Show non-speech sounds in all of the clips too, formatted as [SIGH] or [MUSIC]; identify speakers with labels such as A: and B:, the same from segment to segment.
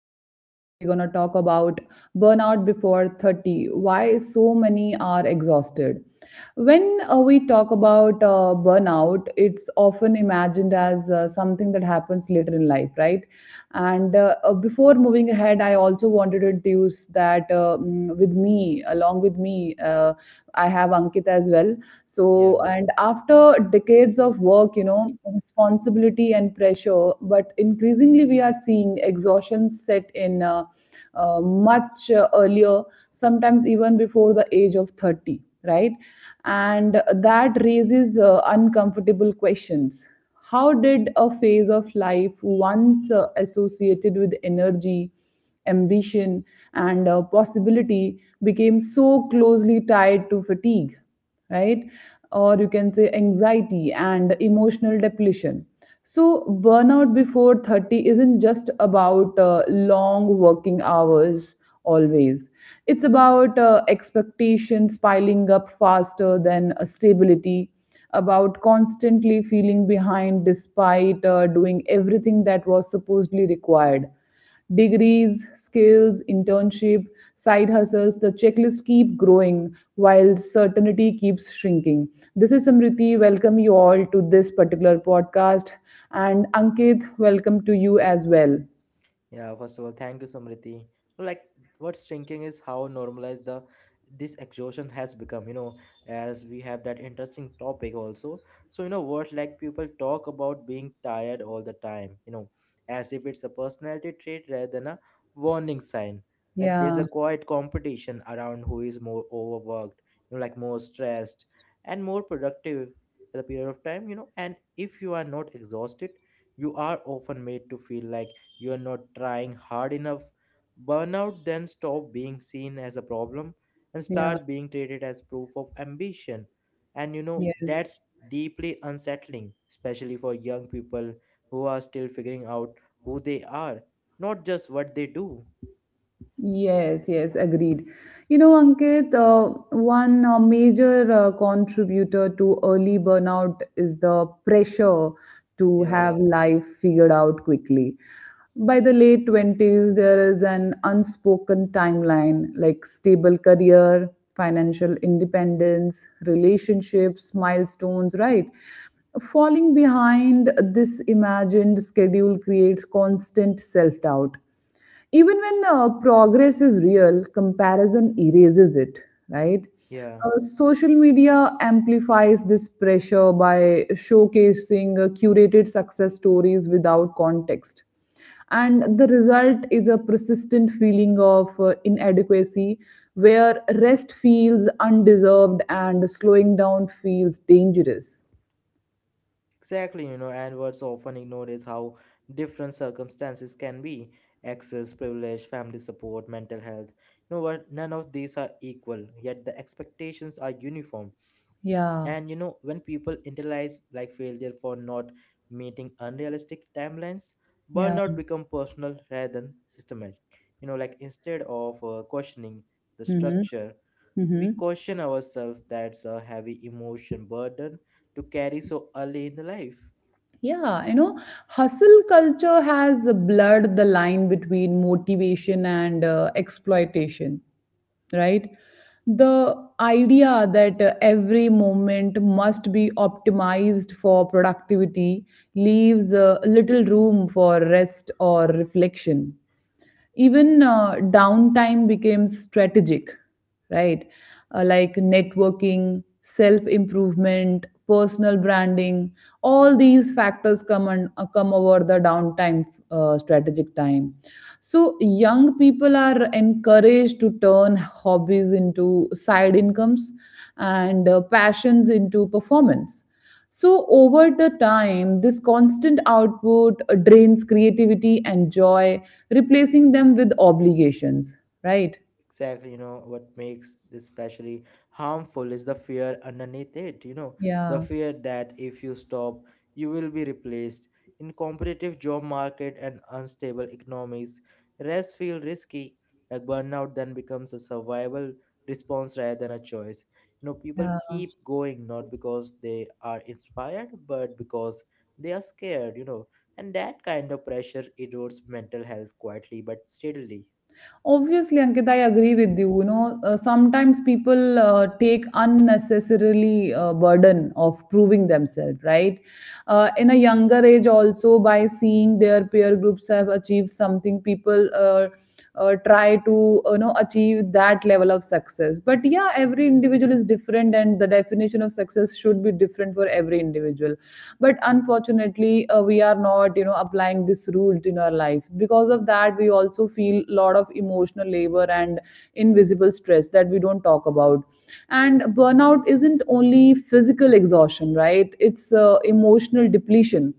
A: where we're going to talk about burnout before 30. Why so many are exhausted? When we talk about burnout, it's often imagined as something that happens later in life, right? And Before moving ahead, I also wanted to introduce that with me, along with me, I have Ankit as well. So,
B: Yeah,
A: and after decades of work, you know, responsibility and pressure, but increasingly we are seeing exhaustion set in much earlier, sometimes even before the age of 30, right? And that raises uncomfortable questions. How did a phase of life once associated with energy, ambition, and possibility became so closely tied to fatigue, right? Or you can say anxiety and emotional depletion. So, burnout before 30 isn't just about long working hours always. It's about expectations piling up faster than stability, about constantly feeling behind despite doing everything that was supposedly required. Degrees, skills, internship, side hustles, the checklist keep growing while certainty keeps shrinking. This is Samriti. Welcome you all to this particular podcast. And Ankit, welcome to you as well.
B: yeah. First of all, thank you, Samriti. Like, what's thinking is how normalized the this exhaustion has become. You know, as we have that interesting topic also. So you know what, like people talk about being tired all the time. You know, as if it's a personality trait rather than a warning sign. Like there's
A: Yeah,
B: a quiet competition around who is more overworked, you know, like more stressed and more productive at the period of time. You know, and if you are not exhausted, you are often made to feel like you are not trying hard enough. Burnout then stop being seen as a problem and
A: yeah,
B: start being treated as proof of ambition. And you know,
A: yes.
B: that's deeply unsettling, especially for young people who are still figuring out who they are, not just what they do.
A: Yes, yes, agreed. You know, Ankit, one major contributor to early burnout is the pressure to
B: Yeah,
A: have life figured out quickly. By the late 20s, there is an unspoken timeline like stable career, financial independence, relationships, milestones, right? Falling behind this imagined schedule creates constant self doubt even when progress is real, comparison erases it, right.
B: yeah,
A: Social media amplifies this pressure by showcasing curated success stories without context, and the result is a persistent feeling of inadequacy where rest feels undeserved and slowing down feels dangerous.
B: exactly. You know, and what's often ignored is how different circumstances can be access, privilege, family support, mental health. You know what? None of these are equal, yet the expectations are uniform.
A: Yeah,
B: And you know, when people internalize like failure for not meeting unrealistic timelines,
A: yeah,
B: burnout become personal rather than systematic. You know, like instead of questioning the
A: mm-hmm.
B: structure, we
A: Mm-hmm.
B: caution ourselves. That's a heavy emotion burden to carry so early in the life.
A: Yeah, you know, hustle culture has blurred the line between motivation and exploitation, right? The idea that every moment must be optimized for productivity leaves little room for rest or reflection. Even downtime became strategic, right. Like networking, self improvement, personal branding, all these factors come and come over the downtime, strategic time. So young people are encouraged to turn hobbies into side incomes and passions into performance. So, over the time, this constant output drains creativity and joy, replacing them with obligations, right?
B: Exactly, you know what makes this especially harmful is the fear underneath it. You know, the
A: Yeah,
B: fear that if you stop, you will be replaced in competitive job market and unstable economies. Rest feel risky, like burnout then becomes a survival response rather than a choice. You know, people
A: yeah.
B: keep going not because they are inspired, but because they are scared. You know, and that kind of pressure erodes mental health quietly but steadily.
A: Obviously, Ankit, I agree with you. You know, sometimes people take unnecessarily burden of proving themselves, right? In a younger age, also by seeing their peer groups have achieved something, people try to you know achieve that level of success. But yeah, every individual is different, and the definition of success should be different for every individual. But unfortunately, we are not you know applying this ruled in our life, because of that we also feel a lot of emotional labor and invisible stress that we don't talk about. And burnout isn't only physical exhaustion, right, it's emotional depletion.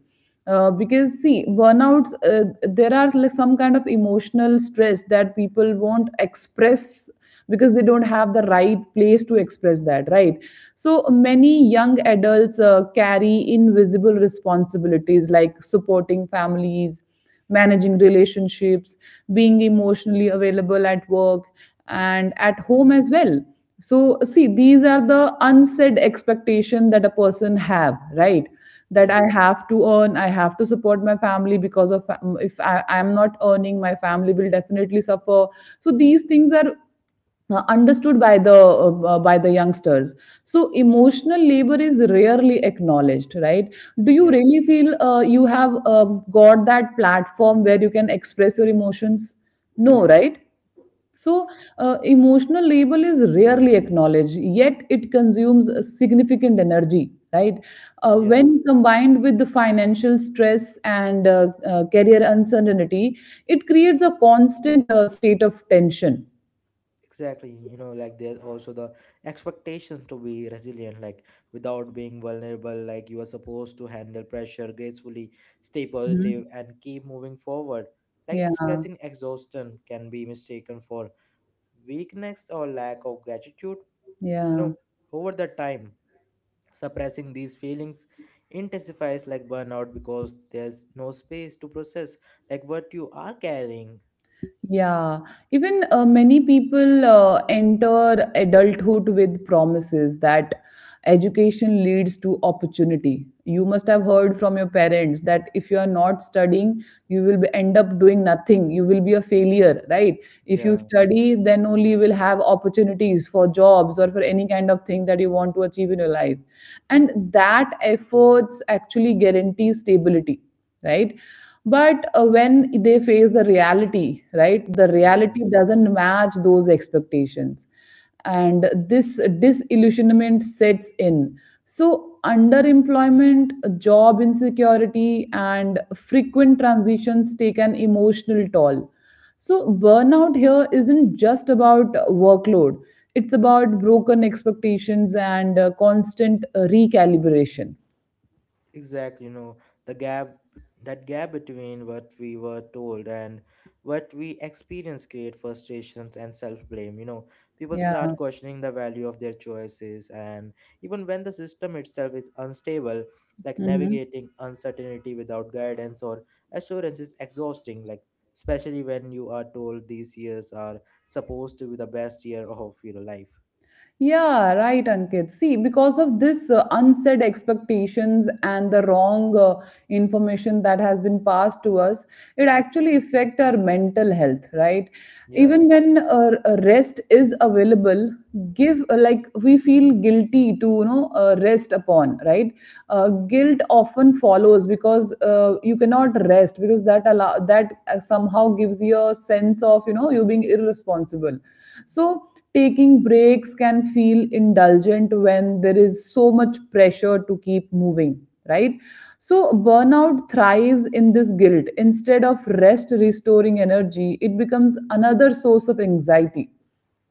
A: Because see, burnouts there are like some kind of emotional stress that people won't express because they don't have the right place to express that, right. So many young adults carry invisible responsibilities like supporting families, managing relationships, being emotionally available at work and at home as well. So see, these are the unsaid expectation that a person have, right. That
B: Yeah,
A: I have to earn, I have to support my family, because of if I am not earning my family will definitely suffer. So these things are understood by the youngsters. So emotional labor is rarely acknowledged, right. Do you
B: yeah.
A: really feel you have got that platform where you can express your emotions? No, right. So, emotional labor is rarely acknowledged, yet it consumes a significant energy, right?
B: Yeah,
A: When combined with the financial stress and career uncertainty, it creates a constant state of tension.
B: exactly. You know, like there's also the expectations to be resilient, like without being vulnerable, like you are supposed to handle pressure gracefully, stay
A: Mhm.
B: positive, and keep moving forward. Like
A: Yeah,
B: expressing exhaustion can be mistaken for weakness or lack of gratitude. You
A: yeah,
B: know, over the time, suppressing these feelings intensifies like burnout because there's no space to process like what you are carrying.
A: yeah. Even many people enter adulthood with promises that education leads to opportunity. You must have heard from your parents that if you are not studying, you will be, end up doing nothing. You will be a failure, right? If you
B: Yeah,
A: study, then only you will have opportunities for jobs or for any kind of thing that you want to achieve in your life. And that efforts actually guarantee stability, right. But when they face the reality, right, the
B: yeah.
A: reality doesn't match those expectations, and this disillusionment sets in. So underemployment, job insecurity and frequent transitions take an emotional toll. So burnout here isn't just about workload, it's about broken expectations and constant recalibration.
B: Exactly, you know, the gap, that gap between what we were told and what we experience create frustrations and self-blame. You know, people
A: Yeah.
B: start questioning the value of their choices and even when the system itself is unstable, like
A: Mm-hmm.
B: navigating uncertainty without guidance or assurance is exhausting, like especially when you are told these years are supposed to be the best year of your life.
A: Yeah, right, Ankit. See, because of this unsaid expectations and the wrong information that has been passed to us, it actually affect our mental health, right?
B: Yeah,
A: Even when rest is available, give like we feel guilty to you know rest upon, right? Guilt often follows because you cannot rest because that allow that somehow gives you a sense of you know you being irresponsible. So taking breaks can feel indulgent when there is so much pressure to keep moving, right. So burnout thrives in this guilt. Instead of rest restoring energy, it becomes another source of anxiety,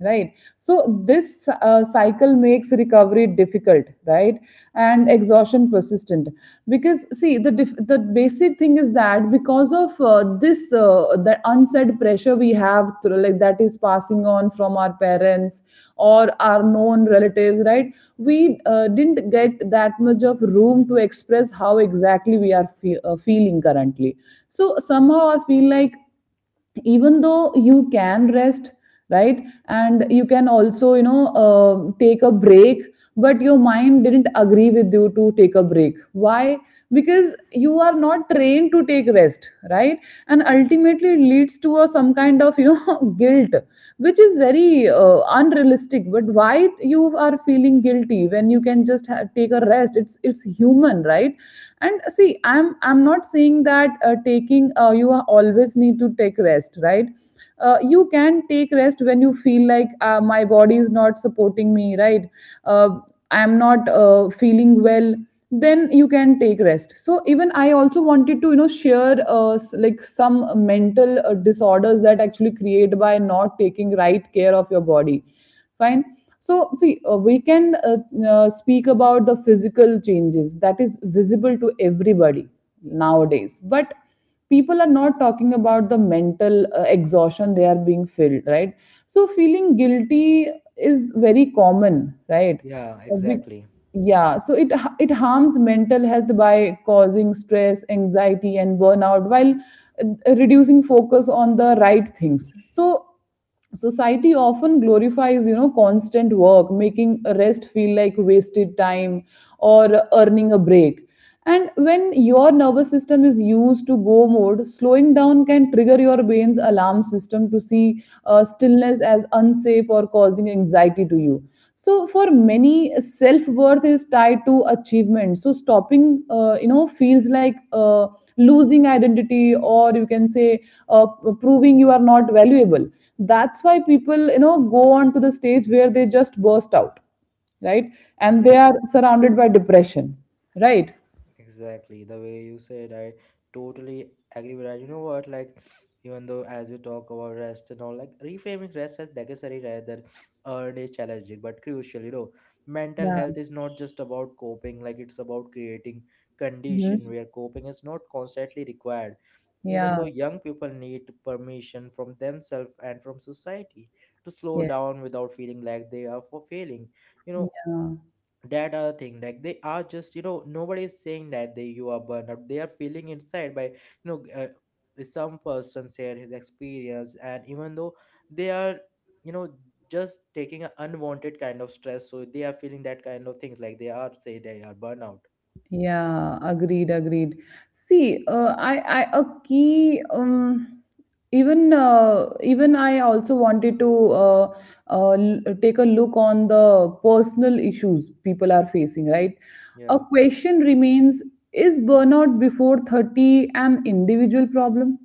A: right. So this cycle makes recovery difficult, right, and exhaustion persistent. Because see, the basic thing is that because of this that unsaid pressure we have through, like that is passing on from our parents or our known relatives, right. We didn't get that much of room to express how exactly we are feeling currently. So somehow I feel like even though you can rest, right, and you can also you know take a break, but your mind didn't agree with you to take a break. Why? Because you are not trained to take rest, right. And ultimately it leads to a, some kind of you know [LAUGHS] guilt, which is very unrealistic. But why you are feeling guilty when you can just take a rest? It's human, right. And see, I'm not saying that taking you you always need to take rest, right. You can take rest when you feel like my body is not supporting me, right. uh, I am not feeling well, then you can take rest. So even I also wanted to you know share like some mental disorders that actually create by not taking right care of your body, fine. So see, we can speak about the physical changes that is visible to everybody nowadays, but people are not talking about the mental exhaustion they are being filled, right. So feeling guilty is very common, right.
B: yeah,
A: Uh, we-
B: exactly.
A: yeah, so it harms mental health by causing stress, anxiety and burnout, while reducing focus on the right things. So society often glorifies you know constant work, making rest feel like wasted time or earning a break. And when your nervous system is used to go mode, slowing down can trigger your brain's alarm system to see stillness as unsafe or causing anxiety to you. So for many, self worth is tied to achievement, so stopping you know feels like losing identity, or you can say uh, proving you are not valuable. That's why people you know go on to the stage where they just burst out, right, and they
B: Yeah.
A: are surrounded by depression, right.
B: Exactly, the way you said, I totally agree with that. You know what, like, even though as we talk about rest and all, like, reframing rest as necessary rather than earned is challenging but crucial. You know, mental
A: Yeah.
B: health is not just about coping, like, it's about creating condition
A: Mhm.
B: where coping is not constantly required. Even
A: Yeah,
B: though young people need permission from themselves and from society to slow
A: yes,
B: down without feeling like they are for failing. You know,
A: yeah.
B: that other thing like they are just, you know, nobody is saying that they, you are burned out, they are feeling inside by know uh, some person share his experience, and even though they are, you know, just taking an unwanted kind of stress, so they are feeling that kind of things like they are, say they are burnout.
A: Yeah, agreed, agreed. See, a key, even I also wanted to take a look on the personal issues people are facing, right?
B: Yeah.
A: A question remains: Is burnout before 30 an individual problem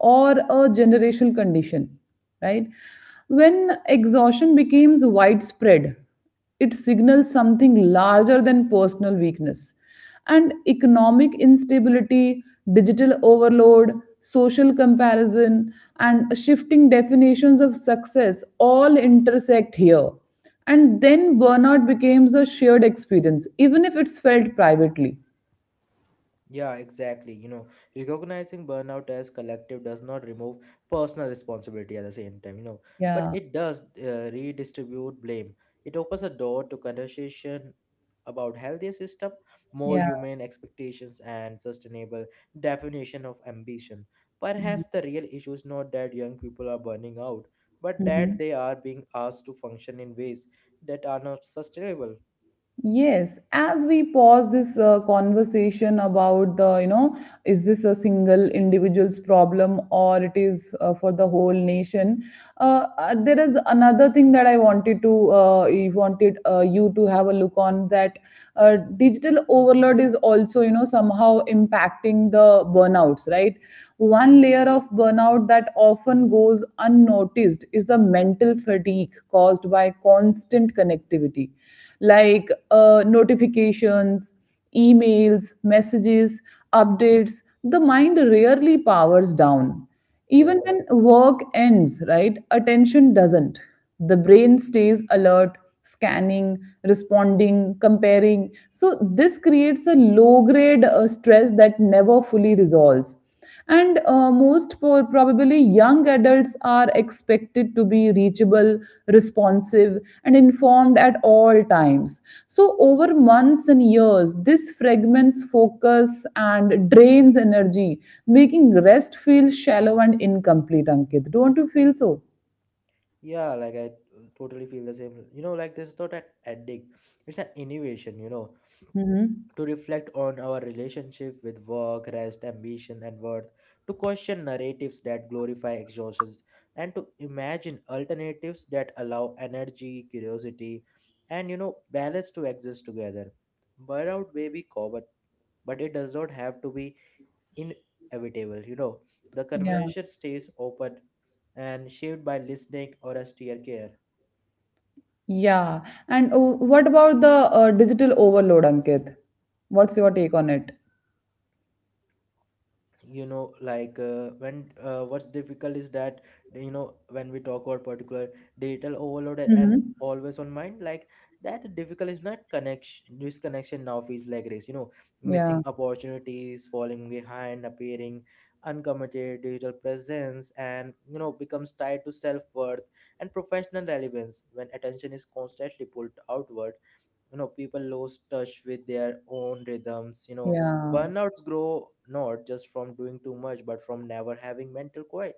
A: or a generational condition, right? When exhaustion becomes widespread, it signals something larger than personal weakness, and economic instability, digital overload, social comparison, and shifting definitions of success all intersect here. And then burnout becomes a shared experience, even if it's felt privately.
B: Yeah, exactly. You know, recognizing burnout as collective does not remove personal responsibility at the same time, you know, but
A: Yeah,
B: it does redistribute blame. It opens a door to conversation about healthier system, more
A: yeah.
B: humane expectations and sustainable definition of ambition. Perhaps the real issue is not that young people are burning out, but that
A: Mhm.
B: they are being asked to function in ways that are not sustainable.
A: Yes, as we pause this conversation about the, you know, is this a single individual's problem or it is for the whole nation? There is another thing that I wanted to, I wanted you to have a look on that. Digital overload is also, you know, somehow impacting the burnouts, right? One layer of burnout that often goes unnoticed is the mental fatigue caused by constant connectivity like notifications, emails, messages, updates. The mind rarely powers down.
B: Yeah.
A: Even when work ends, right, attention doesn't. The brain stays alert, scanning, responding, comparing. So, this creates a low grade stress that never fully resolves and probably young adults are expected to be reachable, responsive, and informed at all times. So over months and years this fragments focus and drains energy, making rest feel shallow and incomplete. Ankit, don't you feel so?
B: Yeah, like I totally feel the same. You know, like this is not an ending, it's an innovation, you know,
A: Hmm.
B: to reflect on our relationship with work, rest, ambition, and worth, to question narratives that glorify exhaustions, and to imagine alternatives that allow energy, curiosity, and, you know, balance to exist together. Burnout may be common, but it does not have to be inevitable. You know, the
A: Yeah,
B: conversation stays open and shaped by listening or austere care.
A: yeah. And what about the digital overload, Ankit? What's your take on it?
B: You know, like when what's difficult is that, you know, when we talk about particular digital overload and
A: Hmm.
B: always on mind, like that the difficult is not connection, disconnection now feels like race. You know,
A: Yeah,
B: missing opportunities, falling behind, appearing uncommitted, digital presence and, you know, becomes tied to self-worth and professional relevance. When attention is constantly pulled outward, you know, people lose touch with their own rhythms. You know,
A: yeah.
B: burnouts grow not just from doing too much but from never having mental quiet.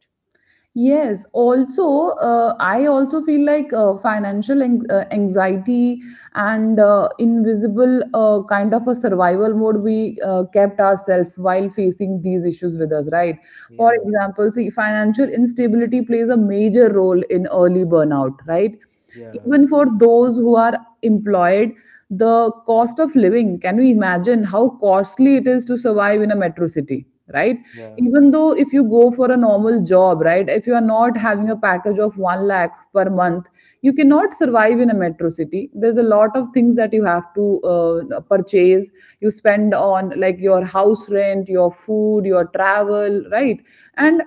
A: Yes, also, I also feel like financial anxiety and invisible kind of a survival mode we kept ourselves while facing these issues with us, right? For
B: Yeah,
A: example, see, financial instability plays a major role in early burnout, right?
B: yeah,
A: Even for those who are employed, the cost of living, can you imagine how costly it is to survive in a metro city? Right?
B: yeah,
A: Even though if you go for a normal job, right, if you are not having a package of 1 lakh per month, you cannot survive in a metro city. There's a lot of things that you have to purchase. You spend on like your house rent, your food, your travel, right? And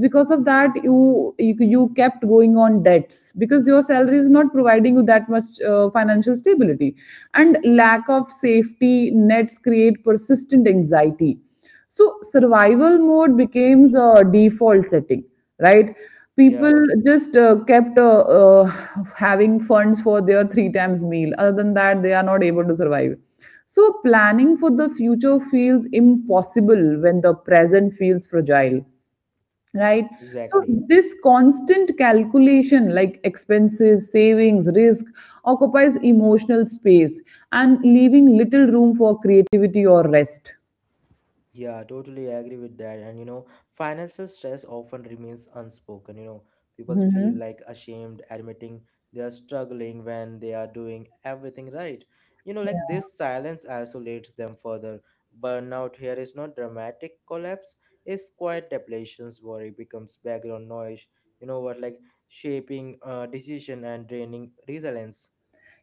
A: because of that you kept going on debts because your salary is not providing you that much financial stability, and lack of safety nets create persistent anxiety. So survival mode becomes a default setting, right?
B: yeah,
A: People just kept having funds for their three times meal, other than that they are not able to survive. So planning for the future feels impossible when the present feels fragile, right? So
B: exactly.
A: this constant calculation like expenses, savings, risk occupies emotional space, and leaving little room for creativity or rest.
B: Yeah, totally agree with that. And you know, financial stress often remains unspoken. You know, people feel
A: Mhm.
B: like ashamed admitting they are struggling when they are doing everything right. You know, like this silence isolates them further. Burnout here is not dramatic collapse, it's quiet depletions. Worry becomes background noise. You know what, like shaping decision and draining resilience.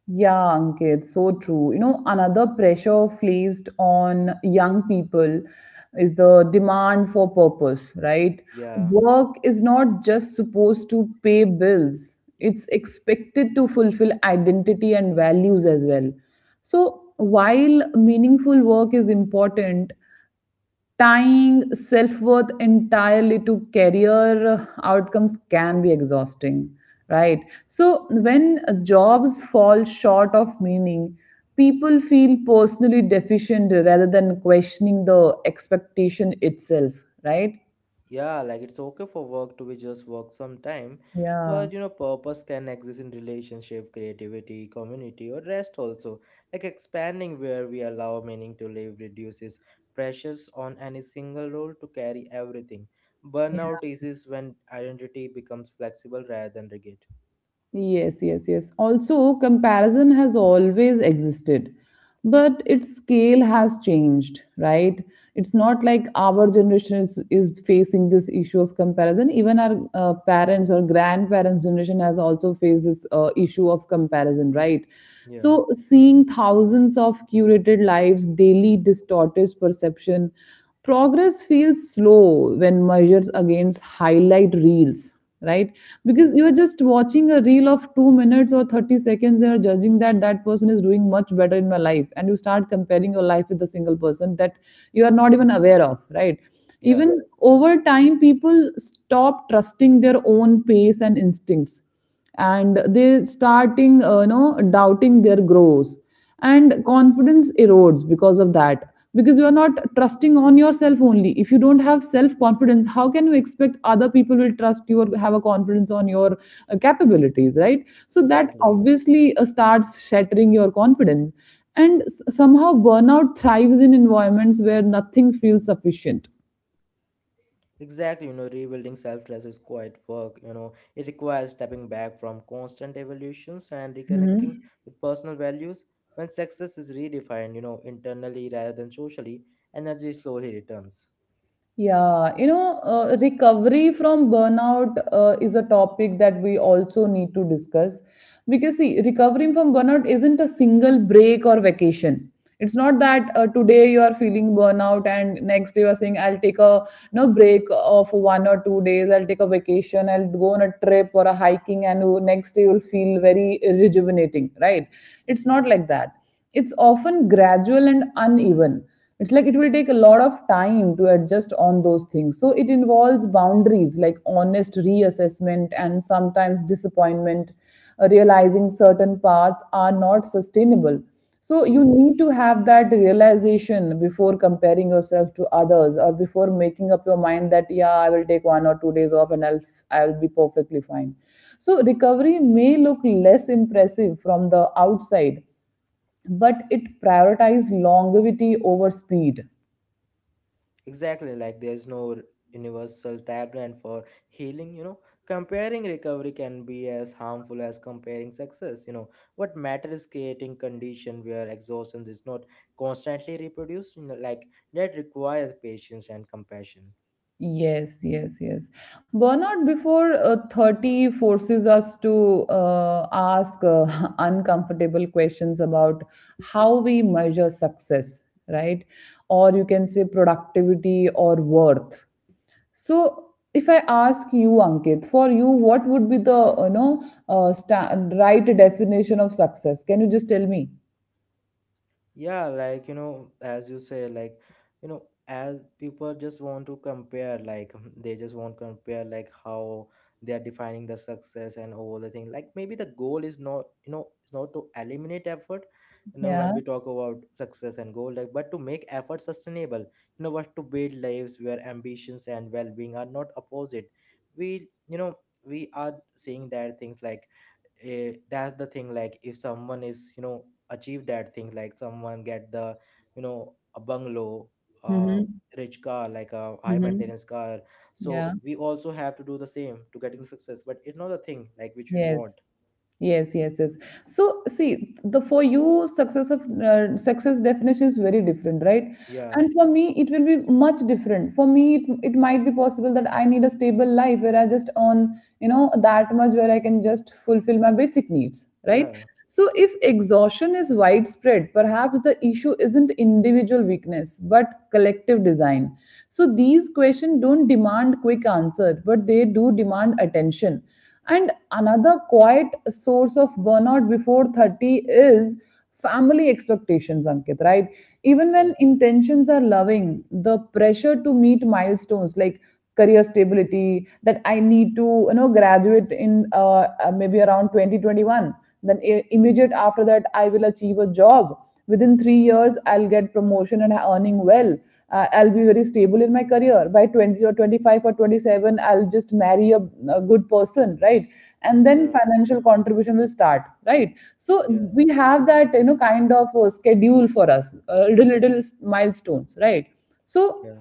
A: Yeah, Ankit, so true. You know, another pressure placed on young people is the demand for purpose, right?
B: Yeah.
A: Work is not just supposed to pay bills, it's expected to fulfill identity and values as well. So, while meaningful work is important, tying self worth entirely to career outcomes can be exhausting, right? So, when jobs fall short of meaning, people feel personally deficient rather than questioning the expectation itself, right?
B: Yeah, like it's okay for work to be just work sometime,
A: Yeah.
B: but you know, purpose can exist in relationship, creativity, community, or rest also. Like expanding where we allow meaning to live reduces pressures on any single role to carry everything. Burnout is when identity becomes flexible rather than rigid.
A: Yes, yes, yes. Also, comparison has always existed, but its scale has changed, right? It's not like our generation is facing this issue of comparison. Even our parents or grandparents' generation has also faced this issue of comparison, right?
B: Yeah,
A: So, seeing thousands of curated lives daily distorts perception. Progress feels slow when measured against highlight reels, right?
B: yeah,
A: Because you are just watching a reel of 2 minutes or 30 seconds and you're judging that that person is doing much better in my life, and you start comparing your life with a single person that you are not even aware of, right?
B: yeah,
A: Even over time people stop trusting their own pace and instincts, and they starting you know doubting their growth, and confidence erodes because of that. Because you are not trusting on yourself. Only if you don't have self confidence, how can you expect other people will trust you or have a confidence on your capabilities, right? So that
B: exactly.
A: obviously starts shattering your confidence. And somehow burnout thrives in environments where nothing feels sufficient.
B: Exactly, you know, rebuilding self-trust is quite work, you know. It requires stepping back from constant evolutions and reconnecting
A: Mhm.
B: with personal values. When success is redefined, you know, internally rather than socially, energy slowly returns.
A: Yeah, you know, recovery from burnout is a topic that we also need to discuss because see, recovering from burnout isn't a single break or vacation. It's not that today you are feeling burnout and next day you are saying I'll take a break of 1 or 2 days. I'll take a vacation. I'll go on a trip or a hiking, and next day you'll feel very rejuvenating, right? It's not like that. It's often gradual and uneven. It's like it will take a lot of time to adjust on those things. So it involves boundaries like honest reassessment and sometimes disappointment, realizing certain paths are not sustainable. So you
B: Yeah.
A: need to have that realization before comparing yourself to others or before making up your mind that yeah I will take 1 or 2 days off, and I'll be perfectly fine. So recovery may look less impressive from the outside, but it prioritized longevity over speed.
B: Exactly, like there's no universal tabland for healing, you know. Comparing recovery can be as harmful as comparing success, you know. What matters is creating condition where exhaustion is not constantly reproduced, you know, like that requires patience and compassion.
A: Yes, yes, yes. Burnout before 30 forces us to ask [LAUGHS] uncomfortable questions about how we measure success, right? Or you can say productivity or worth. So if I ask you Ankit, for you what would be the you know uh, sta- right definition of success? Can you just tell me?
B: Yeah, like you know, as you say, like you know, as people just want to compare, like [LAUGHS] they just want to compare, like how they are defining the success and all the thing. Like maybe the goal is not, you know, it's not to eliminate effort. You know,
A: Yeah.
B: when we talk about success and goal, like but to make effort sustainable. You know, what to build lives where ambitions and well-being are not opposite. We, you know, we are seeing that things like eh, that's the thing, like if someone is, you know, achieve that thing, like someone get the, you know, a bungalow, a
A: Mm-hmm.
B: rich car like a high
A: Mm-hmm.
B: maintenance car, so
A: Yeah.
B: we also have to do the same to getting success, but it's not the thing like which we want.
A: Yes, yes, yes, yes. So, see, the for you success of success definition is very different, right?
B: Yeah,
A: And for me, it will be much different. For me, it might be possible that I need a stable life where I just earn, you know, that much where I can just fulfill my basic needs, right?
B: yeah,
A: So, if exhaustion is widespread, perhaps the issue isn't individual weakness but collective design. So, these questions don't demand quick answers, but they do demand attention. And another quiet source of burnout before 30 is family expectations, Ankit, right? Even
B: yeah,
A: when intentions are loving, the pressure to meet milestones like career stability that I need to, you know, graduate in maybe around 2021, then immediate after that I will achieve a job within 3 years. I'll get promotion and earning well. I'll be very stable in my career by 20 or 25 or 27. I'll just marry a good person, right? And
B: yeah,
A: then financial contribution will start, right? So
B: yeah,
A: we have that you know kind of schedule for us, little milestones, right? So
B: yeah,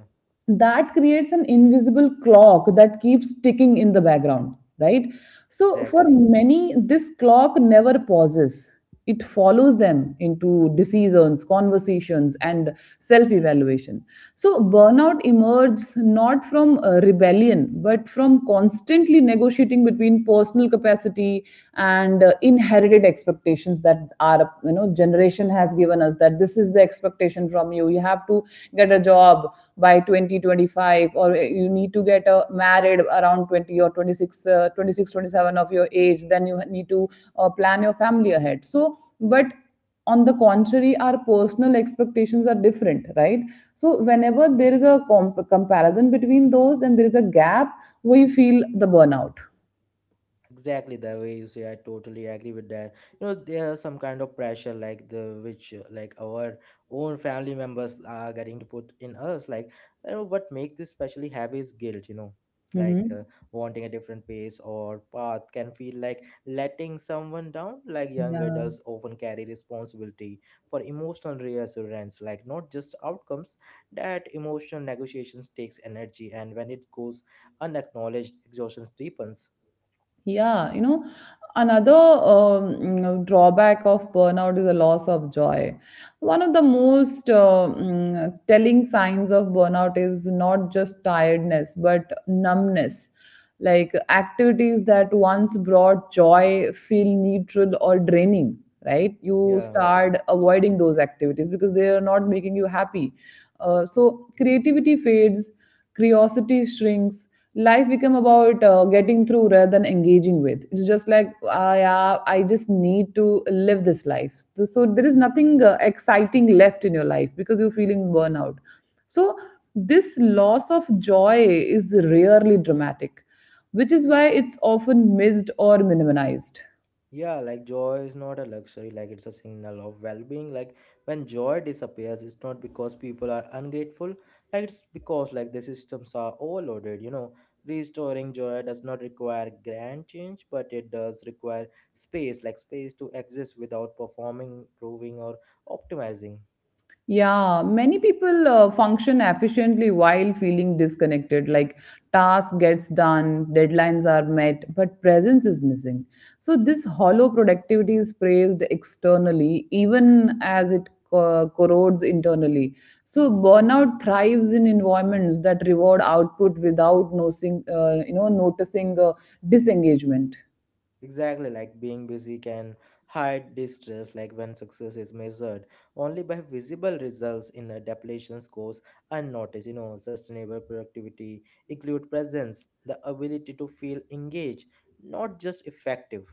A: that creates an invisible clock that keeps ticking in the background, right? So for
B: exactly.
A: many this clock never pauses. It follows them into decisions, conversations, and self evaluation. So burnout emerges not from rebellion but from constantly negotiating between personal capacity and inherited expectations that are you know generation has given us that this is the expectation from you. You have to get a job by 2025, or you need to get married around 20 or 26, 26, 27 of your age, then you need to plan your family ahead. So but on the contrary our personal expectations are different, right? So whenever there is a comparison between those and there is a gap, we feel the burnout.
B: Exactly the way you say, I totally agree with that. You know, there are some kind of pressure like the which like our own family members are getting to put in us. Like, you know, what makes this especially heavy is guilt. You know,
A: Hmm.
B: like wanting a different pace or path can feel like letting someone down. Like young
A: Yeah.
B: adults often carry responsibility for emotional reassurance, like not just outcomes. That emotional negotiations takes energy, and when it goes unacknowledged, exhaustion deepens.
A: Yeah, you know, another drawback of burnout is a loss of joy. One of the most telling signs of burnout is not just tiredness, but numbness. Like activities that once brought joy feel neutral or draining, right? You
B: Yeah.
A: start avoiding those activities because they are not making you happy. So creativity fades, curiosity shrinks, life become about getting through rather than engaging with. It's just like I just need to live this life. So there is nothing exciting left in your life because you're feeling burnout. So this loss of joy is rarely dramatic, which is why it's often missed or minimized.
B: Yeah, like joy is not a luxury, like it's a signal of well being. Like when joy disappears, it's not because people are ungrateful, like it's because like the systems are overloaded, you know. Restoring joy does not require grand change, but it does require space, like space to exist without performing, proving, or optimizing.
A: Yeah, many people function efficiently while feeling disconnected. Like task gets done, deadlines are met, but presence is missing. So this hollow productivity is praised externally, even as it corrodes internally. So burnout thrives in environments that reward output without noticing disengagement.
B: Exactly, like being busy can hide distress, like when success is measured only by visible results in a depletion goes unnoticed. You know, sustainable productivity include presence, the ability to feel engaged, not just effective.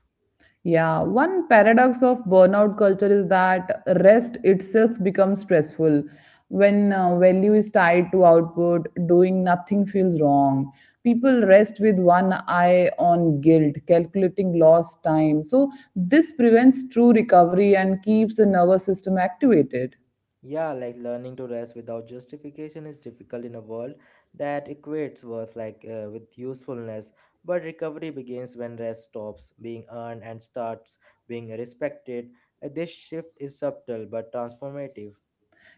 A: Yeah, one paradox of burnout culture is that rest itself becomes stressful. When value is tied to output, doing nothing feels wrong. People rest with one eye on guilt, calculating lost time. So, this prevents true recovery and keeps the nervous system activated.
B: Yeah, like learning to rest without justification is difficult in a world that equates worth like with usefulness. But recovery begins when rest stops being earned and starts being respected. This shift is subtle but transformative.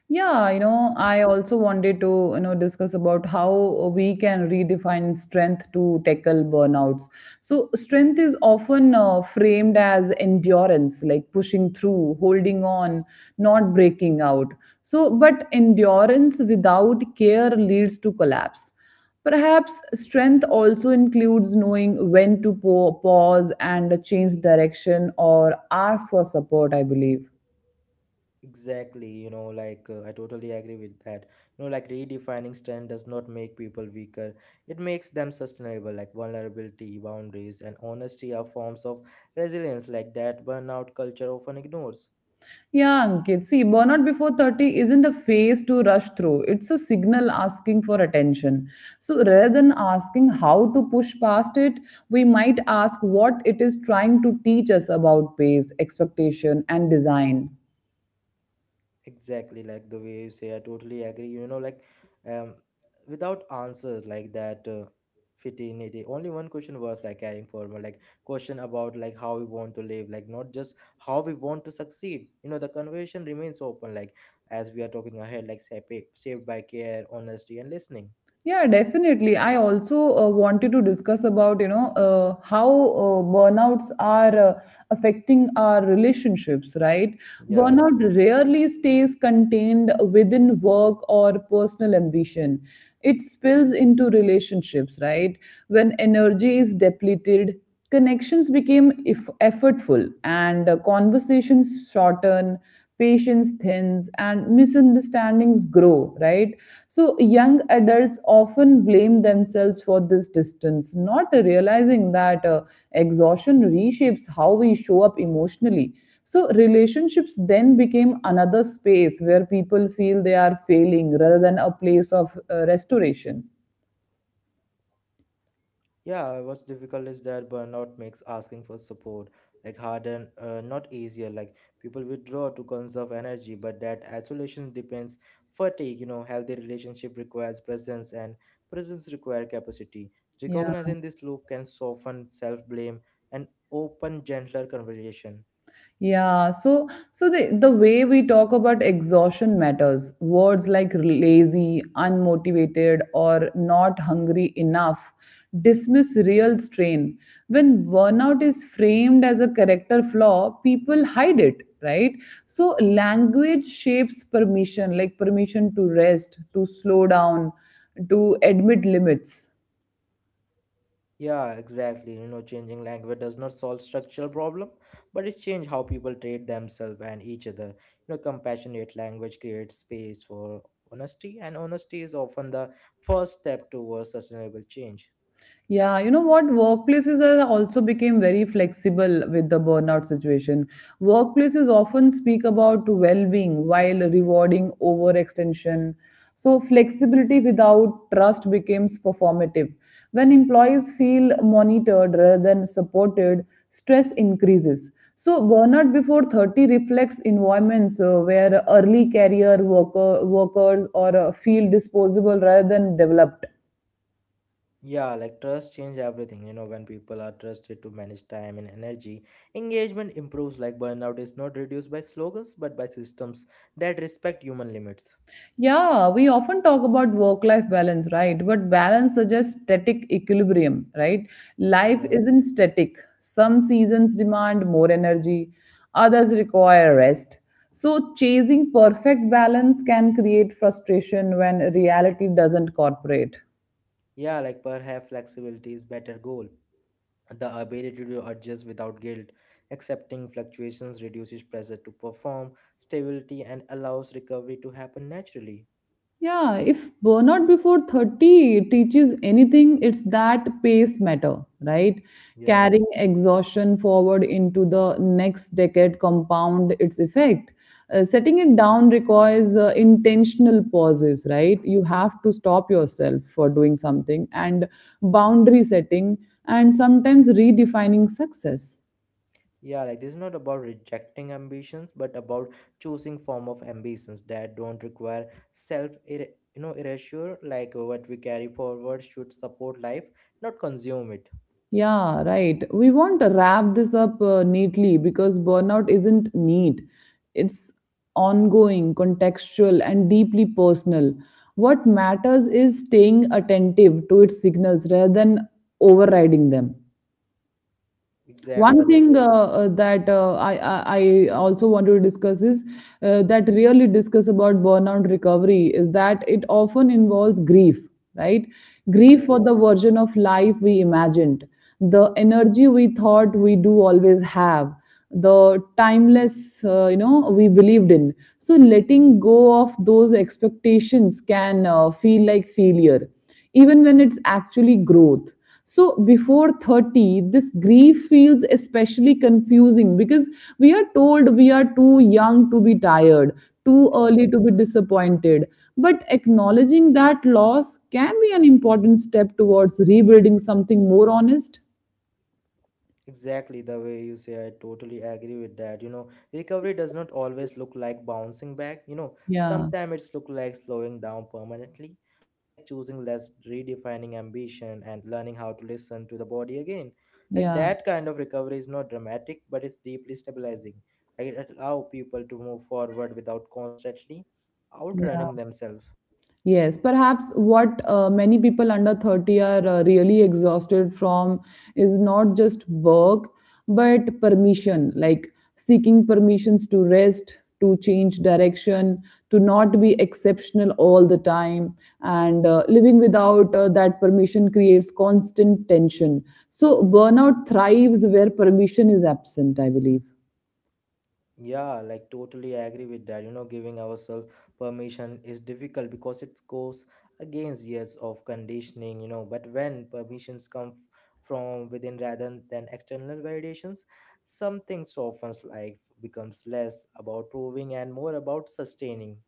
A: Yeah, you know, I also wanted to, you know, discuss about how we can redefine strength to tackle burnouts. So, strength is often framed as endurance, like pushing through, holding on, not breaking out. So, but endurance without care leads to collapse. Perhaps strength also includes knowing when to pause and change direction or ask for support, I believe.
B: Exactly, you know, like I totally agree with that. You know, like redefining strength does not make people weaker. It makes them sustainable. Like vulnerability, boundaries, and honesty are forms of resilience like that burnout culture often ignores.
A: Yeah, Ankit. See, burnout before 30 isn't a phase to rush through. It's a signal asking for attention. So rather than asking how to push past it, we might ask what it is trying to teach us about pace, expectation, and design.
B: Exactly, like the way you say, I totally agree. You know, like, um, without answers like that, fitting only one question was like carrying forward, like question about like how we want to live, like not just how we want to succeed. You know, the conversation remains open, like as we are talking ahead, like saved by care, honesty, and listening.
A: Yeah, definitely. I also wanted to discuss about, you know, how burnouts are affecting our relationships, right?
B: Yeah.
A: Burnout rarely stays contained within work or personal ambition. It spills into relationships, right? When energy is depleted, connections became if effortful, and conversations shorten, patience thins, and misunderstandings grow, right? So, young adults often blame themselves for this distance, not realizing that exhaustion reshapes how we show up emotionally. So, relationships then became another space where people feel they are failing rather than a place of restoration.
B: Yeah, what's difficult is that burnout makes asking for support like harder, not easier. Like people withdraw to conserve energy, but that isolation depends fatigue. You know, healthy relationship requires presence, and presence requires capacity.
A: Yeah.
B: Recognizing this loop can soften self blame and open gentler conversation.
A: Yeah, so the way we talk about exhaustion matters. Words like lazy, unmotivated, or not hungry enough dismiss real strain. When burnout is framed as a character flaw, people hide it, right? So language shapes permission, like permission to rest, to slow down, to admit limits.
B: Yeah, exactly. You know, changing language does not solve structural problem, but it change how people treat themselves and each other. You know, compassionate language creates space for honesty, and honesty is often the first step towards sustainable change.
A: Yeah, you know what? Workplaces are also became very flexible with the burnout situation. Workplaces often speak about well-being while rewarding overextension. So flexibility without trust becomes performative. When employees feel monitored rather than supported, stress increases. So burnout before 30 reflects environments where early career workers or feel disposable rather than developed.
B: Yeah, like trust change everything. You know, when people are trusted to manage time and energy, engagement improves. Like burnout is not reduced by slogans, but by systems that respect human limits.
A: Yeah, we often talk about work life balance, right? But balance suggests static equilibrium, right? Life
B: Yeah.
A: isn't static. Some seasons demand more energy, others require rest. So, chasing perfect balance can create frustration when reality doesn't cooperate.
B: Yeah, like perhaps flexibility is better goal. The ability to adjust without guilt, accepting fluctuations reduces pressure to perform, stability, and allows recovery to happen naturally.
A: Yeah, if burnout before 30 teaches anything, it's that pace matter, right?
B: Yeah.
A: Carrying exhaustion forward into the next decade compound its effect. Setting it down requires intentional pauses, right? You have to stop yourself for doing something and boundary setting and sometimes redefining success.
B: Yeah, like this is not about rejecting ambitions, but about choosing form of ambitions that don't require self, you know, erasure. Like what we carry forward should support life, not consume it.
A: Yeah, right. We want to wrap this up neatly because burnout isn't neat. It's ongoing, contextual, and deeply personal. What matters is staying attentive to its signals rather than overriding them. One
B: Exactly.
A: thing that I also want to discuss is that really discuss about burnout recovery is that it often involves grief, right?
B: Yeah.
A: Grief for the version of life we imagined, the energy we thought we do always have, the timeless we believed in. So letting go of those expectations can feel like failure, even when it's actually growth. So before 30, this grief feels especially confusing because we are told we are too young to be tired, too
B: Yeah.
A: early to be disappointed. But acknowledging that loss can be an important step towards rebuilding something more honest.
B: Exactly the way you say, I totally agree with that. You know, recovery does not always look like bouncing back. You know,
A: Yeah,
B: sometimes it's look like slowing down permanently, like choosing less, redefining ambition, and learning how to listen to the body again. Like
A: yeah,
B: that kind of recovery is not dramatic, but it's deeply stabilizing. Like it allows people to move forward without constantly outrunning
A: yeah.
B: themselves.
A: Yes, perhaps what many people under 30 are really exhausted from is not just work, but permission, like seeking permissions to rest, to change direction, to not be exceptional all the time. And living without that permission creates constant tension. So, burnout thrives where permission is absent, I believe.
B: Yeah, like totally agree with that. You know, giving ourselves permission is difficult because it goes against years of conditioning, you know. But when permissions come from within rather than external validations, something softens, like becomes less about proving and more about sustaining.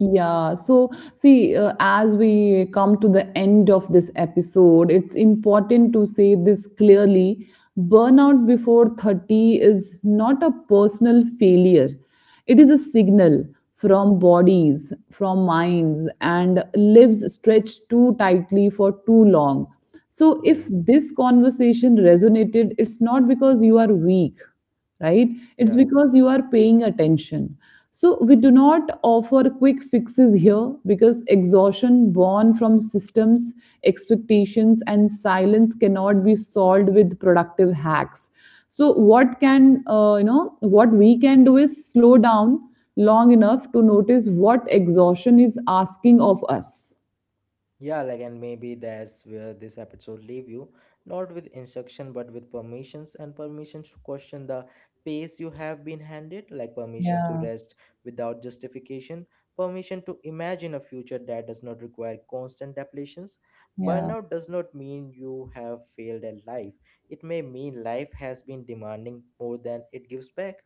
A: Yeah, so see, as we come to the end of this episode, it's important to say this clearly. Burnout before 30 is not a personal failure, it is a signal from bodies, from minds, and lives stretched too tightly for too long. So, if
B: Yeah,
A: this conversation resonated, it's not because you are weak, right? It's
B: yeah.
A: because you are paying attention. So we do not offer quick fixes here because exhaustion born from systems, expectations, and silence cannot be solved with productive hacks. So what can What we can do is slow down long enough to notice what exhaustion is asking of us.
B: Yeah, like, and maybe that's where this episode leave you, not with instruction, but with permissions and permissions to question the pace you have been handed, like permission to
A: Yeah,
B: rest without justification, permission to imagine a future that does not require constant depletions.
A: yeah.
B: Burnout does not mean you have failed at life. It may mean life has been demanding more than it gives back.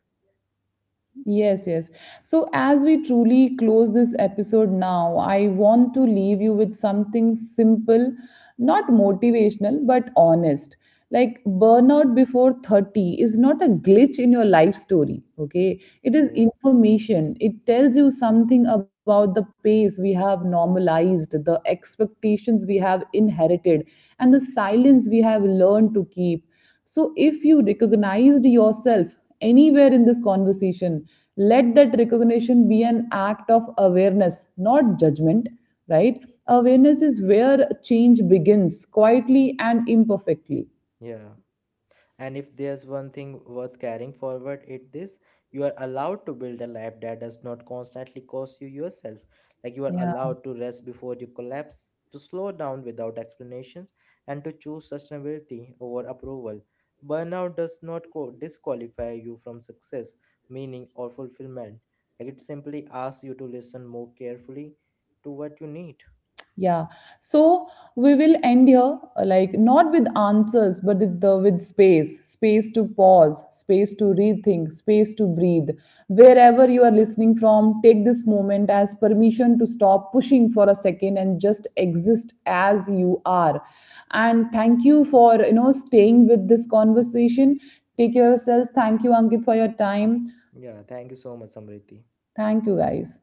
A: Yes, yes. So, as we truly close this episode now, I want to leave you with something simple, not motivational, but honest. Like burnout before 30 is not a glitch in your life story, okay? It is
B: Yeah,
A: information. It tells you something about the pace we have normalized, the expectations we have inherited, and the silence we have learned to keep. So, if you recognized yourself anywhere in this conversation, let that recognition be an act of awareness, not judgment, right? Awareness is where change begins, quietly and imperfectly.
B: yeah. And if there's one thing worth carrying forward, it this, you are allowed to build a life that does not constantly cost you yourself. Like you are
A: Yeah.
B: allowed to rest before you collapse, to slow down without explanations, and to choose sustainability over approval. Burnout does not disqualify you from success, meaning, or fulfillment. Like it simply asks you to listen more carefully to what you need.
A: Yeah. So we will end here, like not with answers, but with the with space, space to pause, space to rethink, space to breathe. Wherever you are listening from, take this moment as permission to stop pushing for a second and just exist as you are. And thank you for staying with this conversation. Take care of yourselves. Thank you, Ankit, for your time.
B: Yeah, thank you so much, Samriti.
A: Thank you, guys.